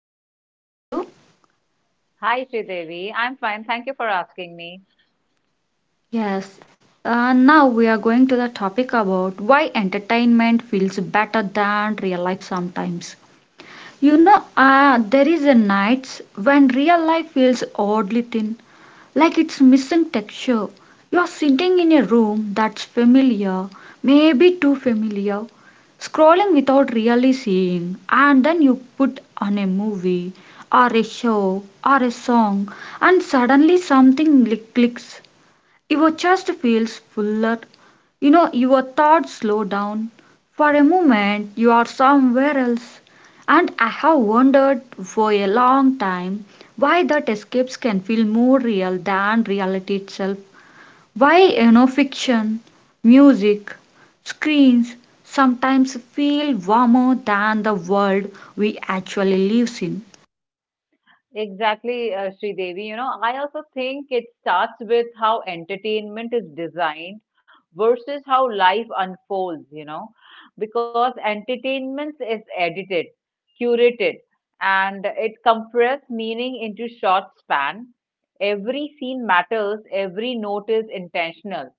Hi, how are you? Hi, Sridevi. I'm fine. Thank you for asking me. Yes. Now we are going to the topic about why entertainment feels better than real life sometimes. There is a nights when real life feels oddly thin, like it's missing texture. You're sitting in a room that's familiar, maybe too familiar, scrolling without really seeing, and then you put on a movie or a show or a song, and suddenly clicks. Your chest feels fuller. You know, your thoughts slow down. For a moment, you are somewhere else. And I have wondered for a long time why that escapes can feel more real than reality itself. Why, fiction, music, screens sometimes feel warmer than the world we actually live in. Exactly, Sridevi. I also think it starts with how entertainment is designed versus how life unfolds, because entertainment is edited, curated, and it compresses meaning into short span. Every scene matters, every note is intentional.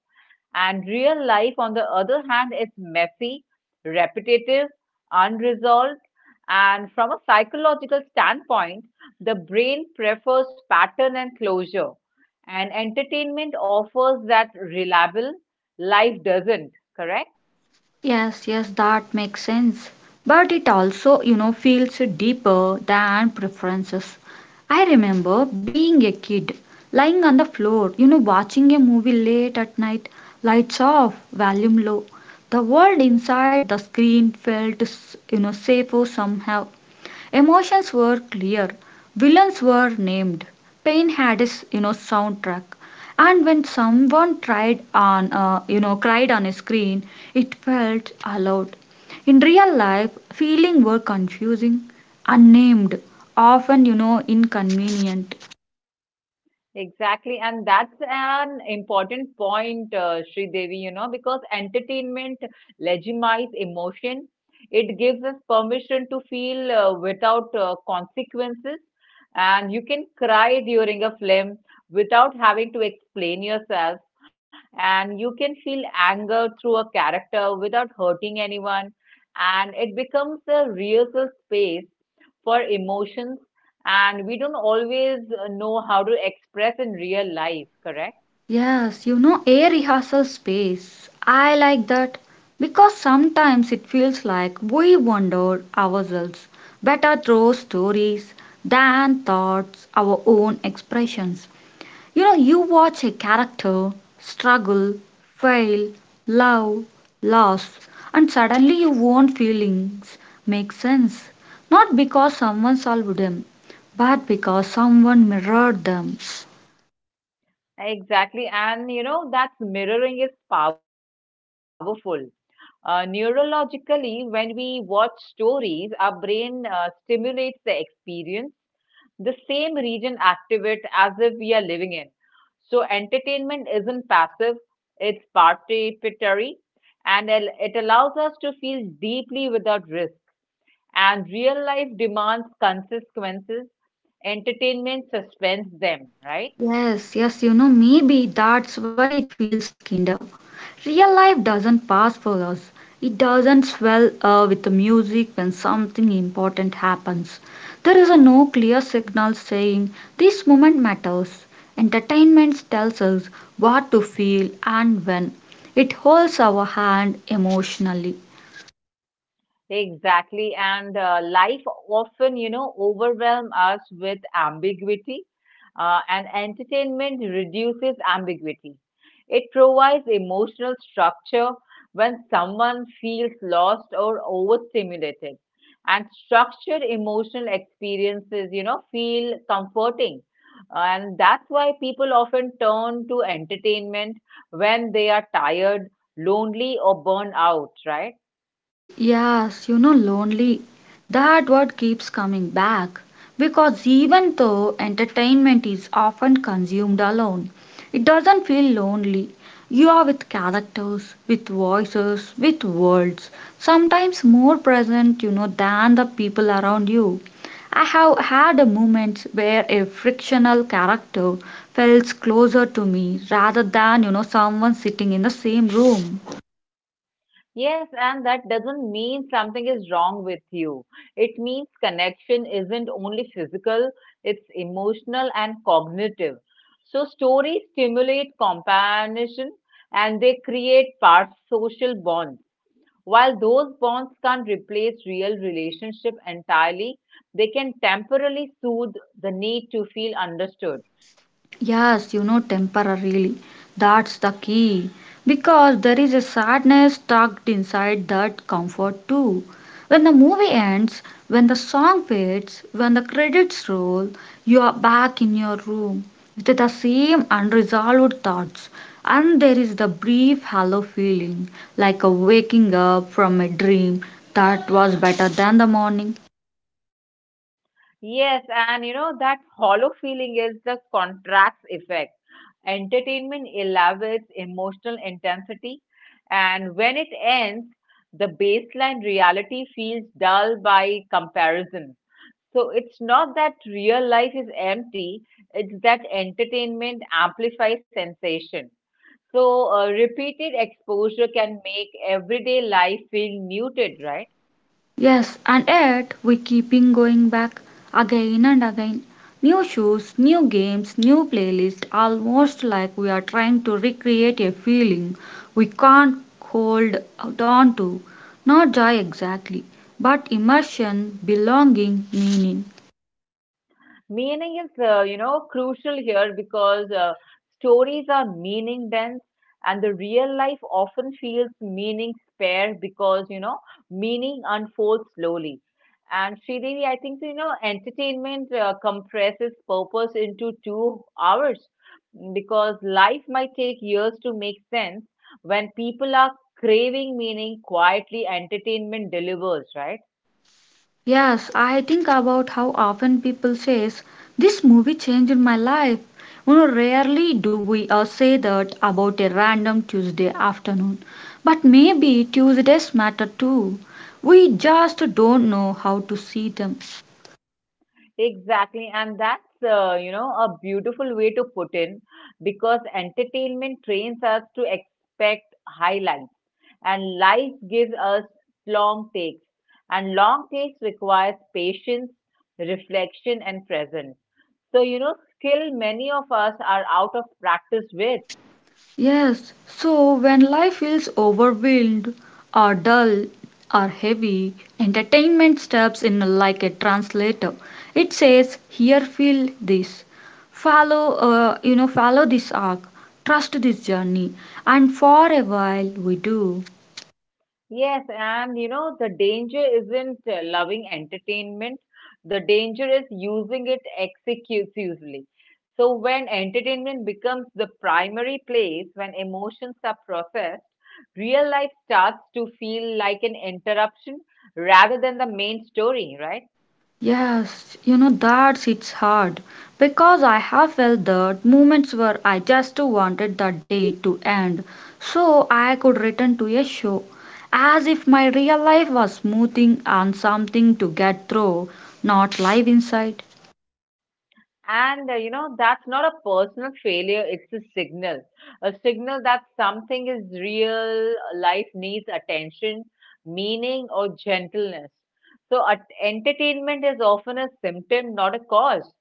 And real life, on the other hand, is messy, repetitive, unresolved, and from a psychological standpoint, the brain prefers pattern and closure, and entertainment offers that reliable life doesn't, correct? Yes, yes, that makes sense. But it also, you know, feels deeper than preferences. I remember being a kid, lying on the floor, you know, watching a movie late at night, lights off, volume low. The world inside the screen felt, you know, safer somehow. Emotions were clear, villains were named, pain had its you know soundtrack, and when someone tried on you know cried on a screen, it felt allowed. In real life, feeling were confusing, unnamed, often you know inconvenient. Exactly, and that's an important point, Sridevi, because entertainment legitimizes emotion. It gives us permission to feel without consequences, and you can cry during a film without having to explain yourself, and you can feel anger through a character without hurting anyone, and it becomes a rehearsal space for emotions and we don't always know how to express in real life, correct? Yes, you know, a rehearsal space. I like that because sometimes it feels like we wonder ourselves better through stories than thoughts, our own expressions. You know, you watch a character struggle, fail, love, loss, and suddenly your own feelings make sense. Not because someone solved them, but because someone mirrored them. Exactly. And that's mirroring is powerful. Neurologically, when we watch stories, our brain stimulates the experience the same region activate as if we are living in. So entertainment isn't passive, it's participatory and it allows us to feel deeply without risk. And real life demands consequences, entertainment suspends them, right? Yes, yes, you know, maybe that's why it feels kinder. Real life doesn't pass for us. It doesn't swell with the music when something important happens. There is a no clear signal saying this moment matters. Entertainment tells us what to feel and when. It holds our hand emotionally. Exactly. And life often, overwhelm us with ambiguity, and entertainment reduces ambiguity. It provides emotional structure when someone feels lost or overstimulated. And structured emotional experiences, feel comforting. And that's why people often turn to entertainment when they are tired, lonely, or burned out, right? Yes, you know, lonely. That word keeps coming back because even though entertainment is often consumed alone, it doesn't feel lonely. You are with characters, with voices, with words, sometimes more present, you know, than the people around you. I have had moments where a fictional character felt closer to me rather than, you know, someone sitting in the same room. Yes, and that doesn't mean something is wrong with you. It means connection isn't only physical, it's emotional and cognitive. So, stories stimulate companionship and they create part social bonds. While those bonds can't replace real relationship entirely, they can temporarily soothe the need to feel understood. Yes, you know, temporarily. That's the key. Because there is a sadness tucked inside that comfort too. When the movie ends, when the song fades, when the credits roll, you are back in your room with the same unresolved thoughts. And there is the brief hollow feeling, like a waking up from a dream that was better than the morning. Yes, and you know that hollow feeling is the contrast effect. Entertainment elevates emotional intensity, and when it ends, the baseline reality feels dull by comparison. So it's not that real life is empty, it's that entertainment amplifies sensation. So repeated exposure can make everyday life feel muted, right? Yes, and yet we keeping going back again and again. New shoes, new games, new playlist, almost like we are trying to recreate a feeling we can't hold out on to. Not joy exactly, but immersion, belonging, meaning. Meaning is, crucial here because stories are meaning dense and the real life often feels meaning spare because, meaning unfolds slowly. And Sridevi, I think, entertainment compresses purpose into 2 hours because life might take years to make sense when people are craving meaning quietly, entertainment delivers, right? Yes, I think about how often people says this movie changed my life. You know, rarely do we say that about a random Tuesday afternoon. But maybe Tuesdays matter too. We just don't know how to see them. Exactly, and that's a beautiful way to put in because entertainment trains us to expect highlights, and life gives us long takes, and long takes requires patience, reflection, and presence. So you know skill many of us are out of practice with. Yes, so when life feels overwhelmed or dull or heavy, entertainment steps in like a translator. It says, "Here feel this, follow this arc, trust this journey," and for a while we do. Yes, and the danger isn't loving entertainment. The danger is using it excessively. So when entertainment becomes the primary place, when emotions are processed, real life starts to feel like an interruption rather than the main story, right? Yes, you know, that's it's hard because I have felt that moments where I just wanted the day to end so I could return to a show, as if my real life was smoothing on something to get through, not live inside. And that's not a personal failure, it's a signal. A signal that something is real, life needs attention, meaning, or gentleness. So, entertainment is often a symptom, not a cause.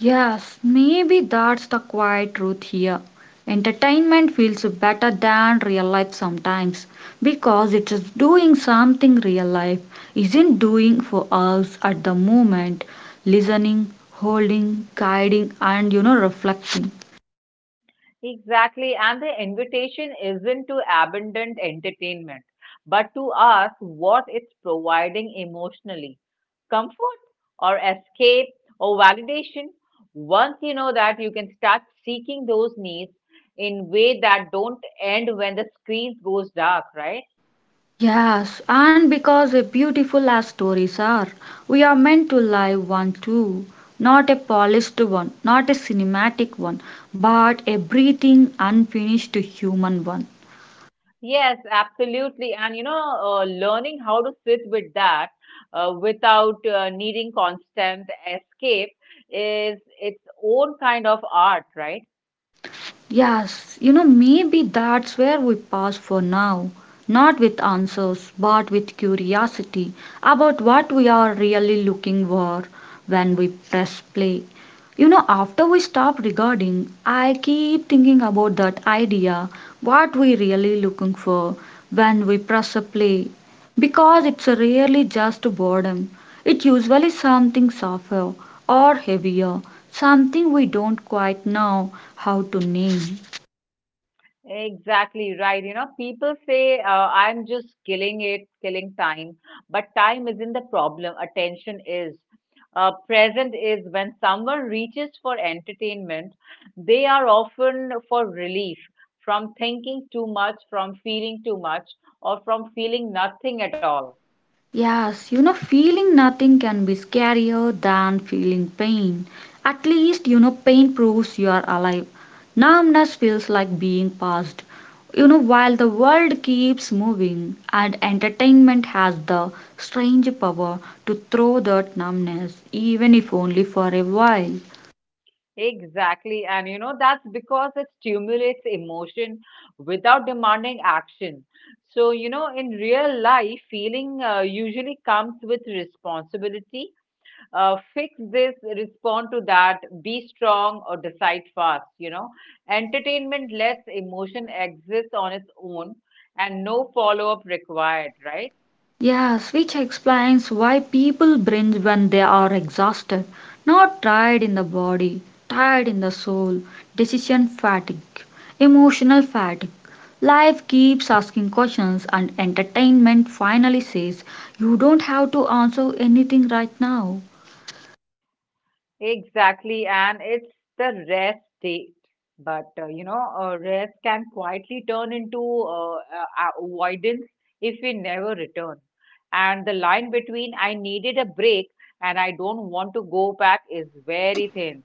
Yes, maybe that's the quiet truth here. Entertainment feels better than real life sometimes because it is doing something real life isn't doing for us at the moment listening, holding, guiding, and you know, reflecting. Exactly. And the invitation isn't to abandon entertainment, but to ask what it's providing emotionally. Comfort or escape or validation once you know that you can start seeking those needs in way that don't end when the screen goes dark, right? Yes, and because a beautiful as stories are, we are meant to live one too. Not a polished one, not a cinematic one, but a breathing, unfinished human one. Yes, absolutely. And learning how to sit with that without needing constant escape is its own kind of art, right? Yes, you know, maybe that's where we pause for now. Not with answers, but with curiosity about what we are really looking for when we press play. You know, after we stop recording, I keep thinking about that idea what we really looking for when we press a play because it's rarely just boredom. It usually something softer or heavier, something we don't quite know how to name. Exactly right. You know, people say, I'm just killing time. But time isn't the problem. Attention is. Present is when someone reaches for entertainment, they are often for relief from thinking too much, from feeling too much, or from feeling nothing at all. Yes, you know, feeling nothing can be scarier than feeling pain. At least, you know, pain proves you are alive. Numbness feels like being past. You know, while the world keeps moving and entertainment has the strange power to throw that numbness, even if only for a while. Exactly. And you know, that's because it stimulates emotion without demanding action. So, in real life, feeling usually comes with responsibility. Fix this, respond to that, be strong, or decide fast. You know, entertainment lets emotion exist on its own and no follow up required, right? Yes, which explains why people binge when they are exhausted, not tired in the body, tired in the soul, decision fatigue, emotional fatigue. Life keeps asking questions, and entertainment finally says, you don't have to answer anything right now. Exactly, and it's the rest state. But rest can quietly turn into avoidance if we never return. And the line between I needed a break and I don't want to go back is very thin.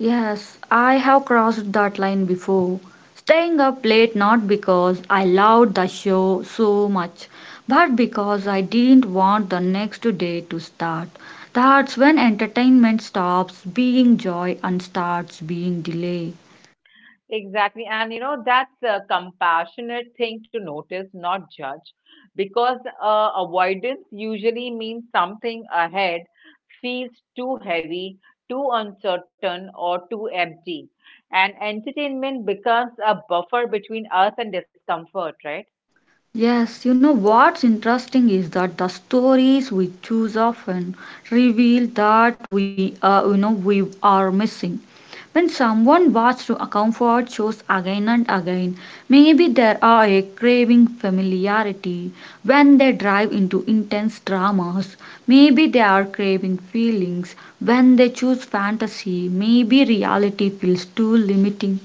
Yes, I have crossed that line before. Staying up late not because I loved the show so much, but because I didn't want the next day to start. That's when entertainment stops being joy and starts being delay. Exactly. And you know, that's a compassionate thing to notice, not judge, because avoidance usually means something ahead feels too heavy, too uncertain, or too empty. And entertainment becomes a buffer between us and discomfort, right? Yes, you know what's interesting is that the stories we choose often reveal that we are missing. When someone watched a comfort shows again and again, maybe there are a craving familiarity. When they drive into intense dramas, maybe they are craving feelings. When they choose fantasy, maybe reality feels too limiting.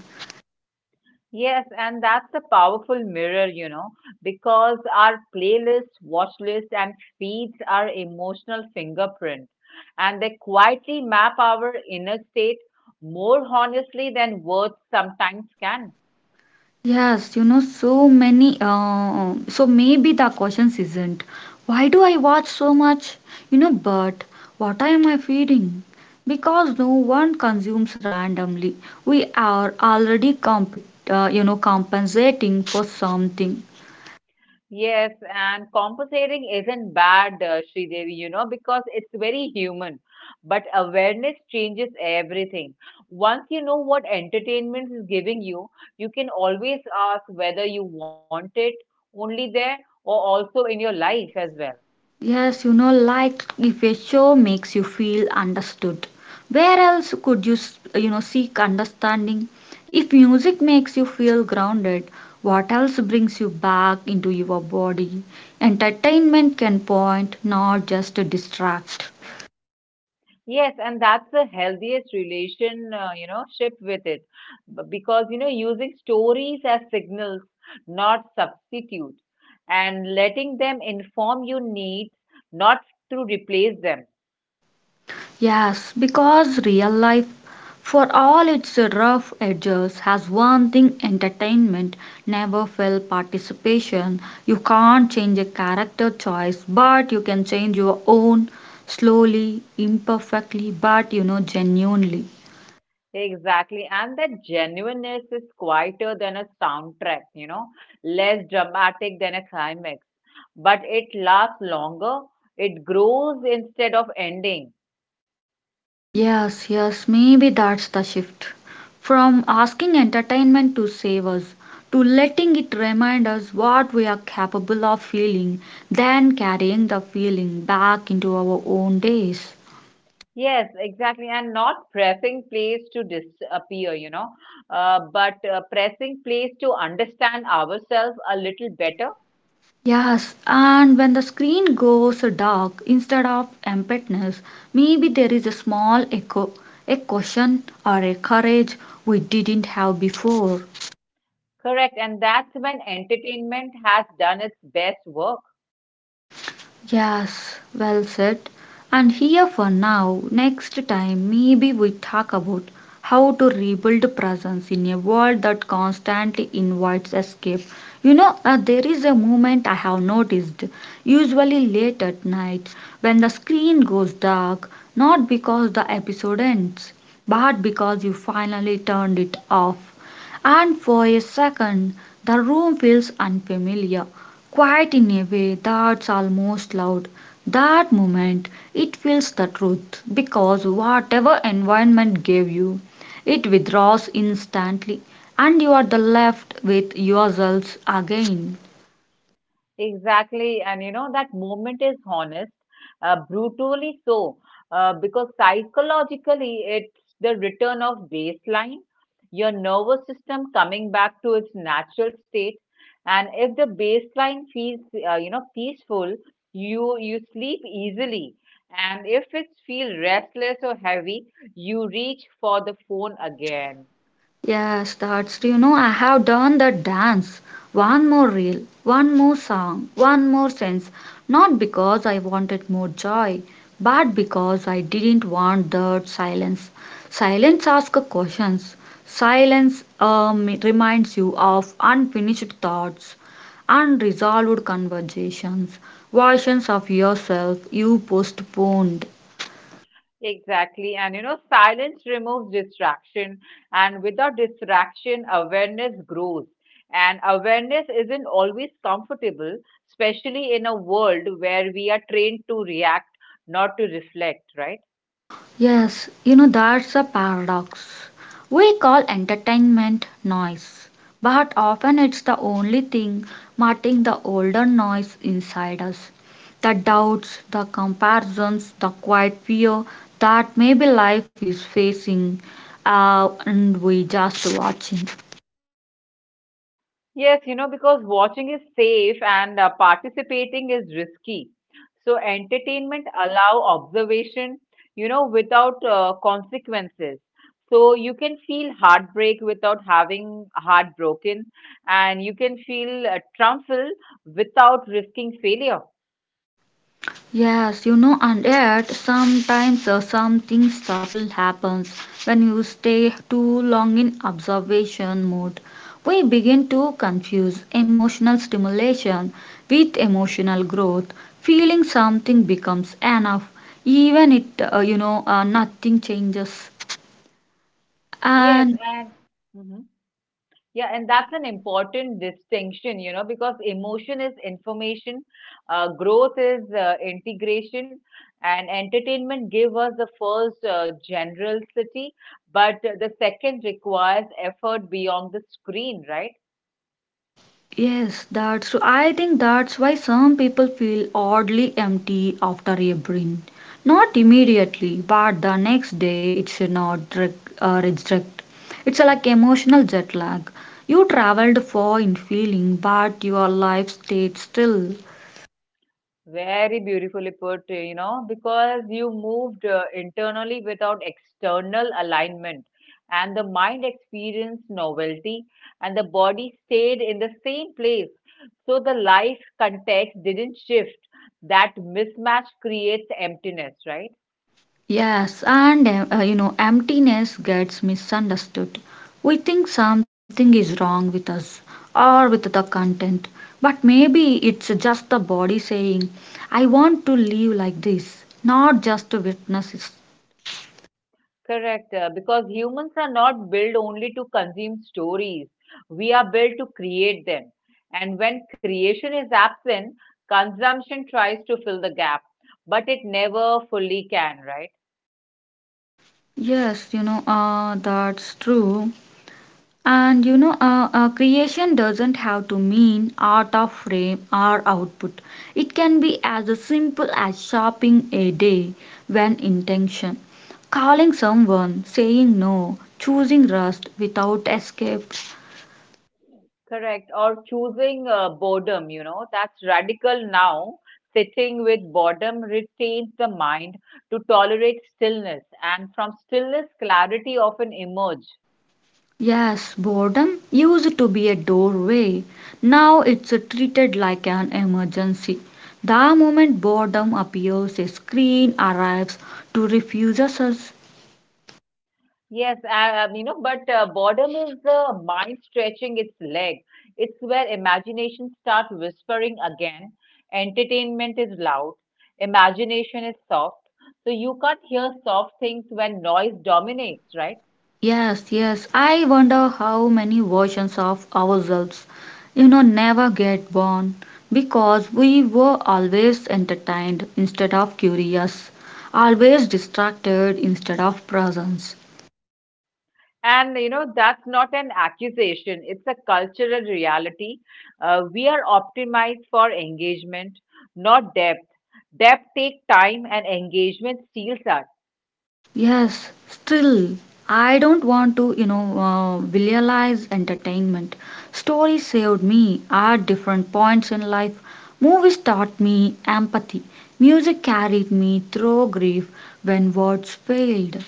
Yes, and that's a powerful mirror, because our playlist, watch list, and feeds are emotional fingerprint, and they quietly map our inner state more honestly than words sometimes can. Yes, you know, so many. So maybe the question isn't why do I watch so much? You know, but what am I feeding? Because no one consumes randomly. We are already compensating for something. Yes, and compensating isn't bad, Sridevi, because it's very human. But awareness changes everything. Once you know what entertainment is giving you, you can always ask whether you want it only there or also in your life as well. Yes, you know, like if a show makes you feel understood, where else could you seek understanding? If music makes you feel grounded, what else brings you back into your body? Entertainment can point, not just distract. Yes, and that's the healthiest relation, ship with it. Because, using stories as signals, not substitute, and letting them inform your needs, not to replace them. Yes, because real life, for all its rough edges, has one thing entertainment never fail participation. You can't change a character choice, but you can change your own slowly, imperfectly, but you know, genuinely. Exactly. And that genuineness is quieter than a soundtrack, less dramatic than a climax, but it lasts longer, it grows instead of ending. Yes, yes, maybe that's the shift. From asking entertainment to save us, to letting it remind us what we are capable of feeling, then carrying the feeling back into our own days. Yes, exactly. And not pressing place to disappear, but pressing place to understand ourselves a little better. Yes, and when the screen goes dark instead of emptiness, maybe there is a small echo, a caution or a courage we didn't have before. Correct. And that's when entertainment has done its best work. Yes, well said. And here for now, next time maybe we talk about how to rebuild presence in a world that constantly invites escape. There is a moment I have noticed, usually late at night, when the screen goes dark, not because the episode ends, but because you finally turned it off and for a second the room feels unfamiliar, quiet in a way that's almost loud. That moment, it feels the truth because whatever environment gave you, it withdraws instantly, and you are the left with yourselves again. Exactly, and you know that moment is honest, brutally so, because psychologically it's the return of baseline, your nervous system coming back to its natural state, and if the baseline feels peaceful, you sleep easily, and if it feels restless or heavy, you reach for the phone again. Yes, that's you know I have done the dance. One more reel, one more song, one more sense. Not because I wanted more joy, but because I didn't want that silence. Silence asks questions. Silence reminds you of unfinished thoughts, unresolved conversations, versions of yourself you postponed. Exactly. And you know, silence removes distraction, and without distraction, awareness grows. And awareness isn't always comfortable, especially in a world where we are trained to react, not to reflect, right? Yes, you know, that's a paradox. We call entertainment noise, but often it's the only thing marking the older noise inside us. The doubts, the comparisons, the quiet fear that maybe life is facing, and we just watching. Yes, because watching is safe and participating is risky. So entertainment allow observation, without consequences. So you can feel heartbreak without having heartbroken, and you can feel triumphal without risking failure. Yes, you know, and yet sometimes something subtle happens when you stay too long in observation mode. We begin to confuse emotional stimulation with emotional growth. Feeling something becomes enough, even nothing changes. Yes, And and Mhm. Yeah, and that's an important distinction, because emotion is information, growth is integration, and entertainment give us the first general but the second requires effort beyond the screen, right? yes, that's true. I think that's why some people feel oddly empty after a brain. Not immediately, but the next day it's not drag, reject. It's a, like emotional jet lag. You traveled far in feeling, but your life stayed still. Very beautifully put, because you moved internally without external alignment, and the mind experienced novelty, and the body stayed in the same place. So the life context didn't shift. That mismatch creates emptiness, right? Yes, and emptiness gets misunderstood. We think something is wrong with us or with the content, but maybe it's just the body saying, I want to live like this, not just to witness it. Correct, because humans are not built only to consume stories. We are built to create them. And when creation is absent, consumption tries to fill the gap, but it never fully can, right? Yes, that's true. And you know, creation doesn't have to mean art of frame or output. It can be as simple as shopping a day when intention, calling someone, saying no, choosing rest without escape. Correct. Or choosing boredom, you know, that's radical now. Sitting with boredom retains the mind to tolerate stillness, and from stillness, clarity often emerge. Yes, boredom used to be a doorway. Now it's treated like an emergency. The moment boredom appears, a screen arrives to refuse us. Yes, I, you know, but boredom is the mind stretching its leg. It's where imagination starts whispering again. Entertainment is loud, imagination is soft. So you can't hear soft things when noise dominates, right? Yes, yes. I wonder how many versions of ourselves, you know, never get born because we were always entertained instead of curious, always distracted instead of present. And you know, that's not an accusation, it's a cultural reality. We are optimized for engagement, not depth. Depth takes time and engagement steals us. Yes, still, I don't want to visualize entertainment. Stories saved me at different points in life. Movies taught me empathy. Music carried me through grief when words failed.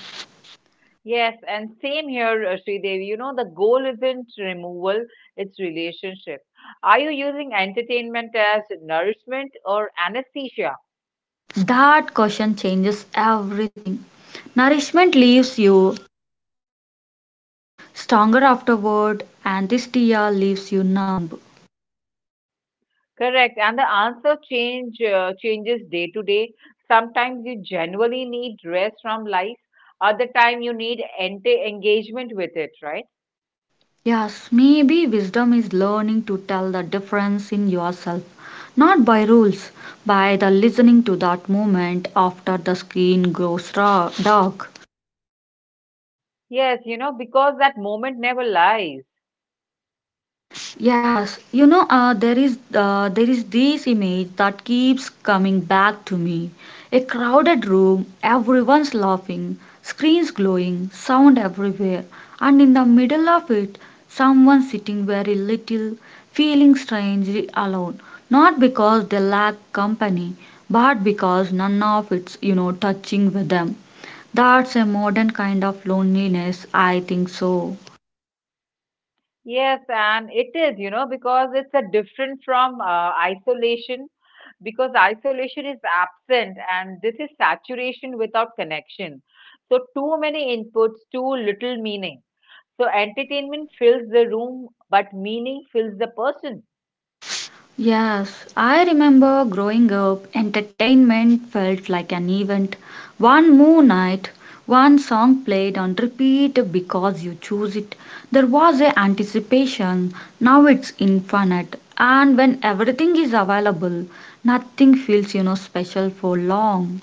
Yes, and same here, Sridevi. You know, the goal isn't removal, it's relationship. Are you using entertainment as nourishment or anesthesia? That question changes everything. Nourishment leaves you stronger afterward, anesthesia leaves you numb. Correct. And the answer changes day to day. Sometimes you genuinely need rest from life. Other time you need ente engagement with it, right? Yes, maybe wisdom is learning to tell the difference in yourself, not by rules, by the listening to that moment after the screen grows dark. Yes, you know, because that moment never lies. Yes, there is there is this image that keeps coming back to me. A crowded room, everyone's laughing, screens glowing, sound everywhere, and in the middle of it, someone sitting very little, feeling strangely alone, not because they lack company, but because none of it's touching with them. That's a modern kind of loneliness, I think so. Yes, and it is, because it's a different from isolation, because isolation is absent and this is saturation without connection. So, too many inputs, too little meaning. So, entertainment fills the room, but meaning fills the person. Yes, I remember growing up, entertainment felt like an event. One moon night, one song played on repeat because you choose it. There was a anticipation. Now it's infinite. And when everything is available, nothing feels special for long.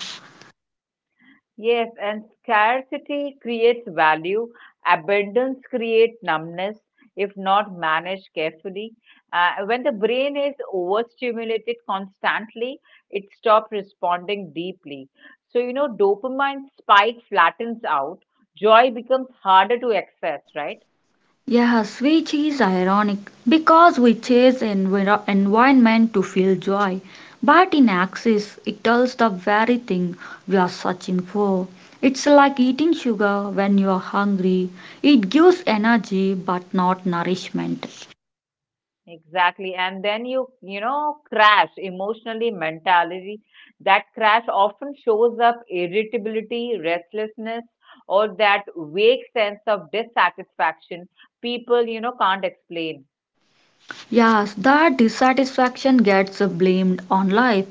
Yes, and scarcity creates value, abundance creates numbness if not managed carefully. When the brain is overstimulated constantly, it stops responding deeply. So, dopamine spike flattens out, joy becomes harder to access, right? Yes, which is ironic because we chase environment to feel joy, but in axis it tells the very thing we are searching for. It's like eating sugar when you are hungry. It gives energy but not nourishment. Exactly. And then you crash emotionally, mentality. That crash often shows up irritability, restlessness, or that vague sense of dissatisfaction people, can't explain. Yes, that dissatisfaction gets blamed on life.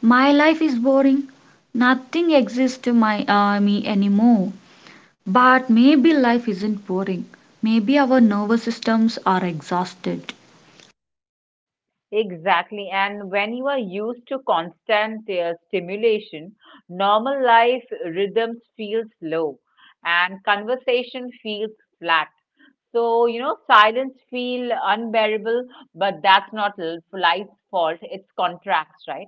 My life is boring. Nothing exists to my me anymore. But maybe life isn't boring. Maybe our nervous systems are exhausted. Exactly. And when you are used to constant stimulation, normal life rhythms feel slow and conversation feels flat. So, silence feel unbearable, but that's not life's fault. It's contracts, right?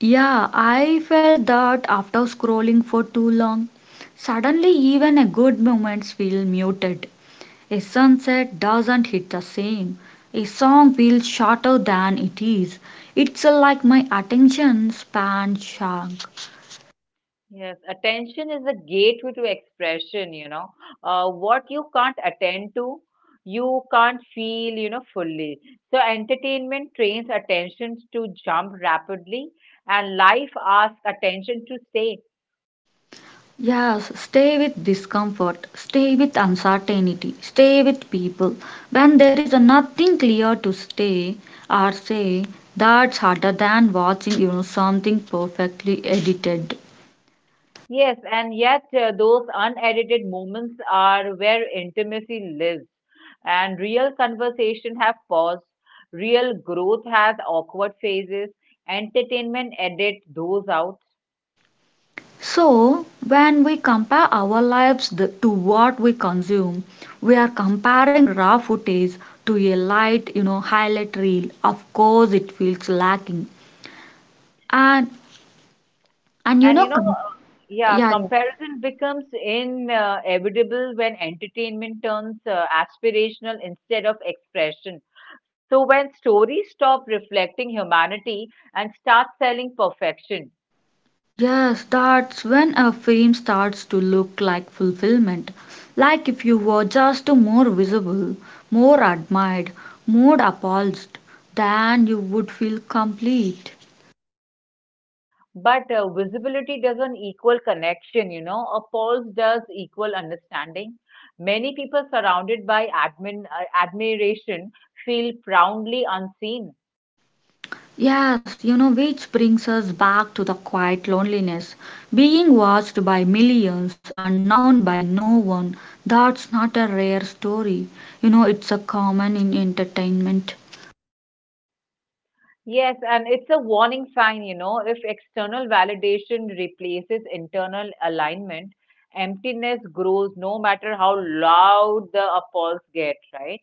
Yeah, I felt that after scrolling for too long. Suddenly, even a good moments feel muted. A sunset doesn't hit the same. A song feels shorter than it is. It's like my attention span shrunk. Yes, attention is the gateway to expression, you know. What you can't attend to, you can't feel, fully. So, entertainment trains attention to jump rapidly, and life asks attention to stay. Yes, stay with discomfort, stay with uncertainty, stay with people. When there is nothing clear to stay or say, that's harder than watching something perfectly edited. Yes, and yet those unedited moments are where intimacy lives, and real conversation have pause, real growth has awkward phases. Entertainment edit those out. So when we compare our lives the, to what we consume, we are comparing raw footage to a light, highlight reel. Of course, it feels lacking. And and you And know, com- Yeah, yeah. comparison becomes inevitable when entertainment turns aspirational instead of expression. So when stories stop reflecting humanity and start selling perfection, Yes, that's when a fame starts to look like fulfillment. Like if you were just more visible, more admired, more apologized, then you would feel complete. but visibility doesn't equal connection, a pulse does equal understanding. Many people surrounded by admiration feel profoundly unseen. Yes, you know, which brings us back to the quiet loneliness. Being watched by millions and known by no one, that's not a rare story. You know, it's a common in entertainment. Yes, and it's a warning sign, if external validation replaces internal alignment, emptiness grows no matter how loud the applause get, right?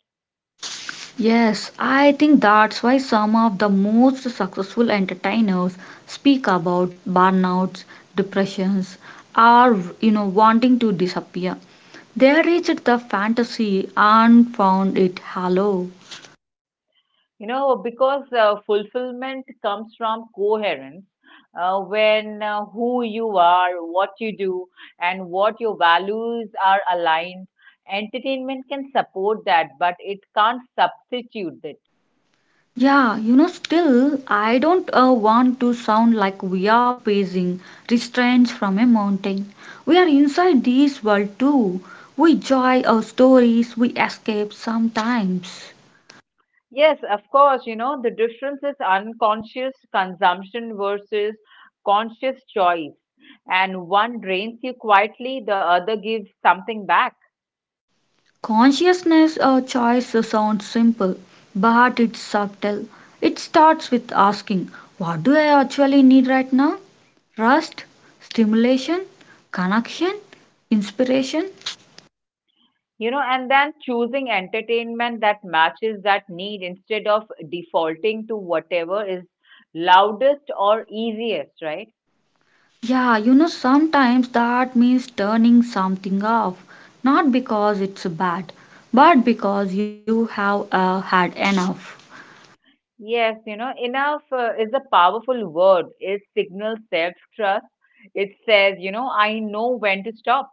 Yes, I think that's why some of the most successful entertainers speak about burnouts, depressions, or wanting to disappear. They reached the fantasy and found it hollow. You know, because fulfillment comes from coherence, when who you are, what you do, and what your values are aligned. Entertainment can support that, but it can't substitute it. Yeah, you know, still, I don't want to sound like we are pacing restraints from a mountain. We are inside this world too. We enjoy our stories, we escape sometimes. Yes, of course, the difference is unconscious consumption versus conscious choice. And one drains you quietly, the other gives something back, Consciousness choice sounds simple, but it's subtle. It starts with asking, what do I actually need right now? Rest, stimulation, connection, inspiration. And then choosing entertainment that matches that need instead of defaulting to whatever is loudest or easiest, right? Yeah, you know, sometimes that means turning something off, not because it's bad, but because you have had enough. Yes, you know, enough is a powerful word. It signals self-trust. It says, you know, I know when to stop.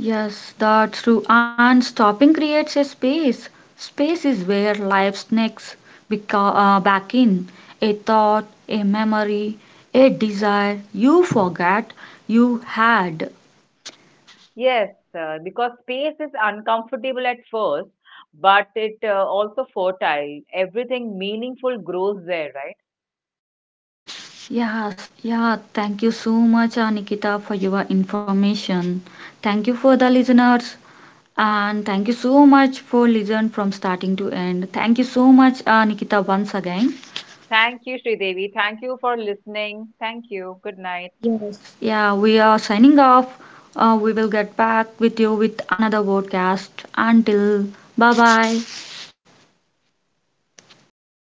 Yes, that's true. And stopping creates a space. Space is where life sneaks back in. A thought, a memory, a desire you forgot you had. Yes, because space is uncomfortable at first, but it also fertile. Everything meaningful grows there, right? Yes, yeah. Thank you so much, Nikita, for your information. Thank you for the listeners. And thank you so much for listen from starting to end. Thank you so much, Nikita, once again. Thank you, Sridevi. Thank you for listening. Thank you. Good night. Yeah, we are signing off. We will get back with you with another podcast. Until bye bye.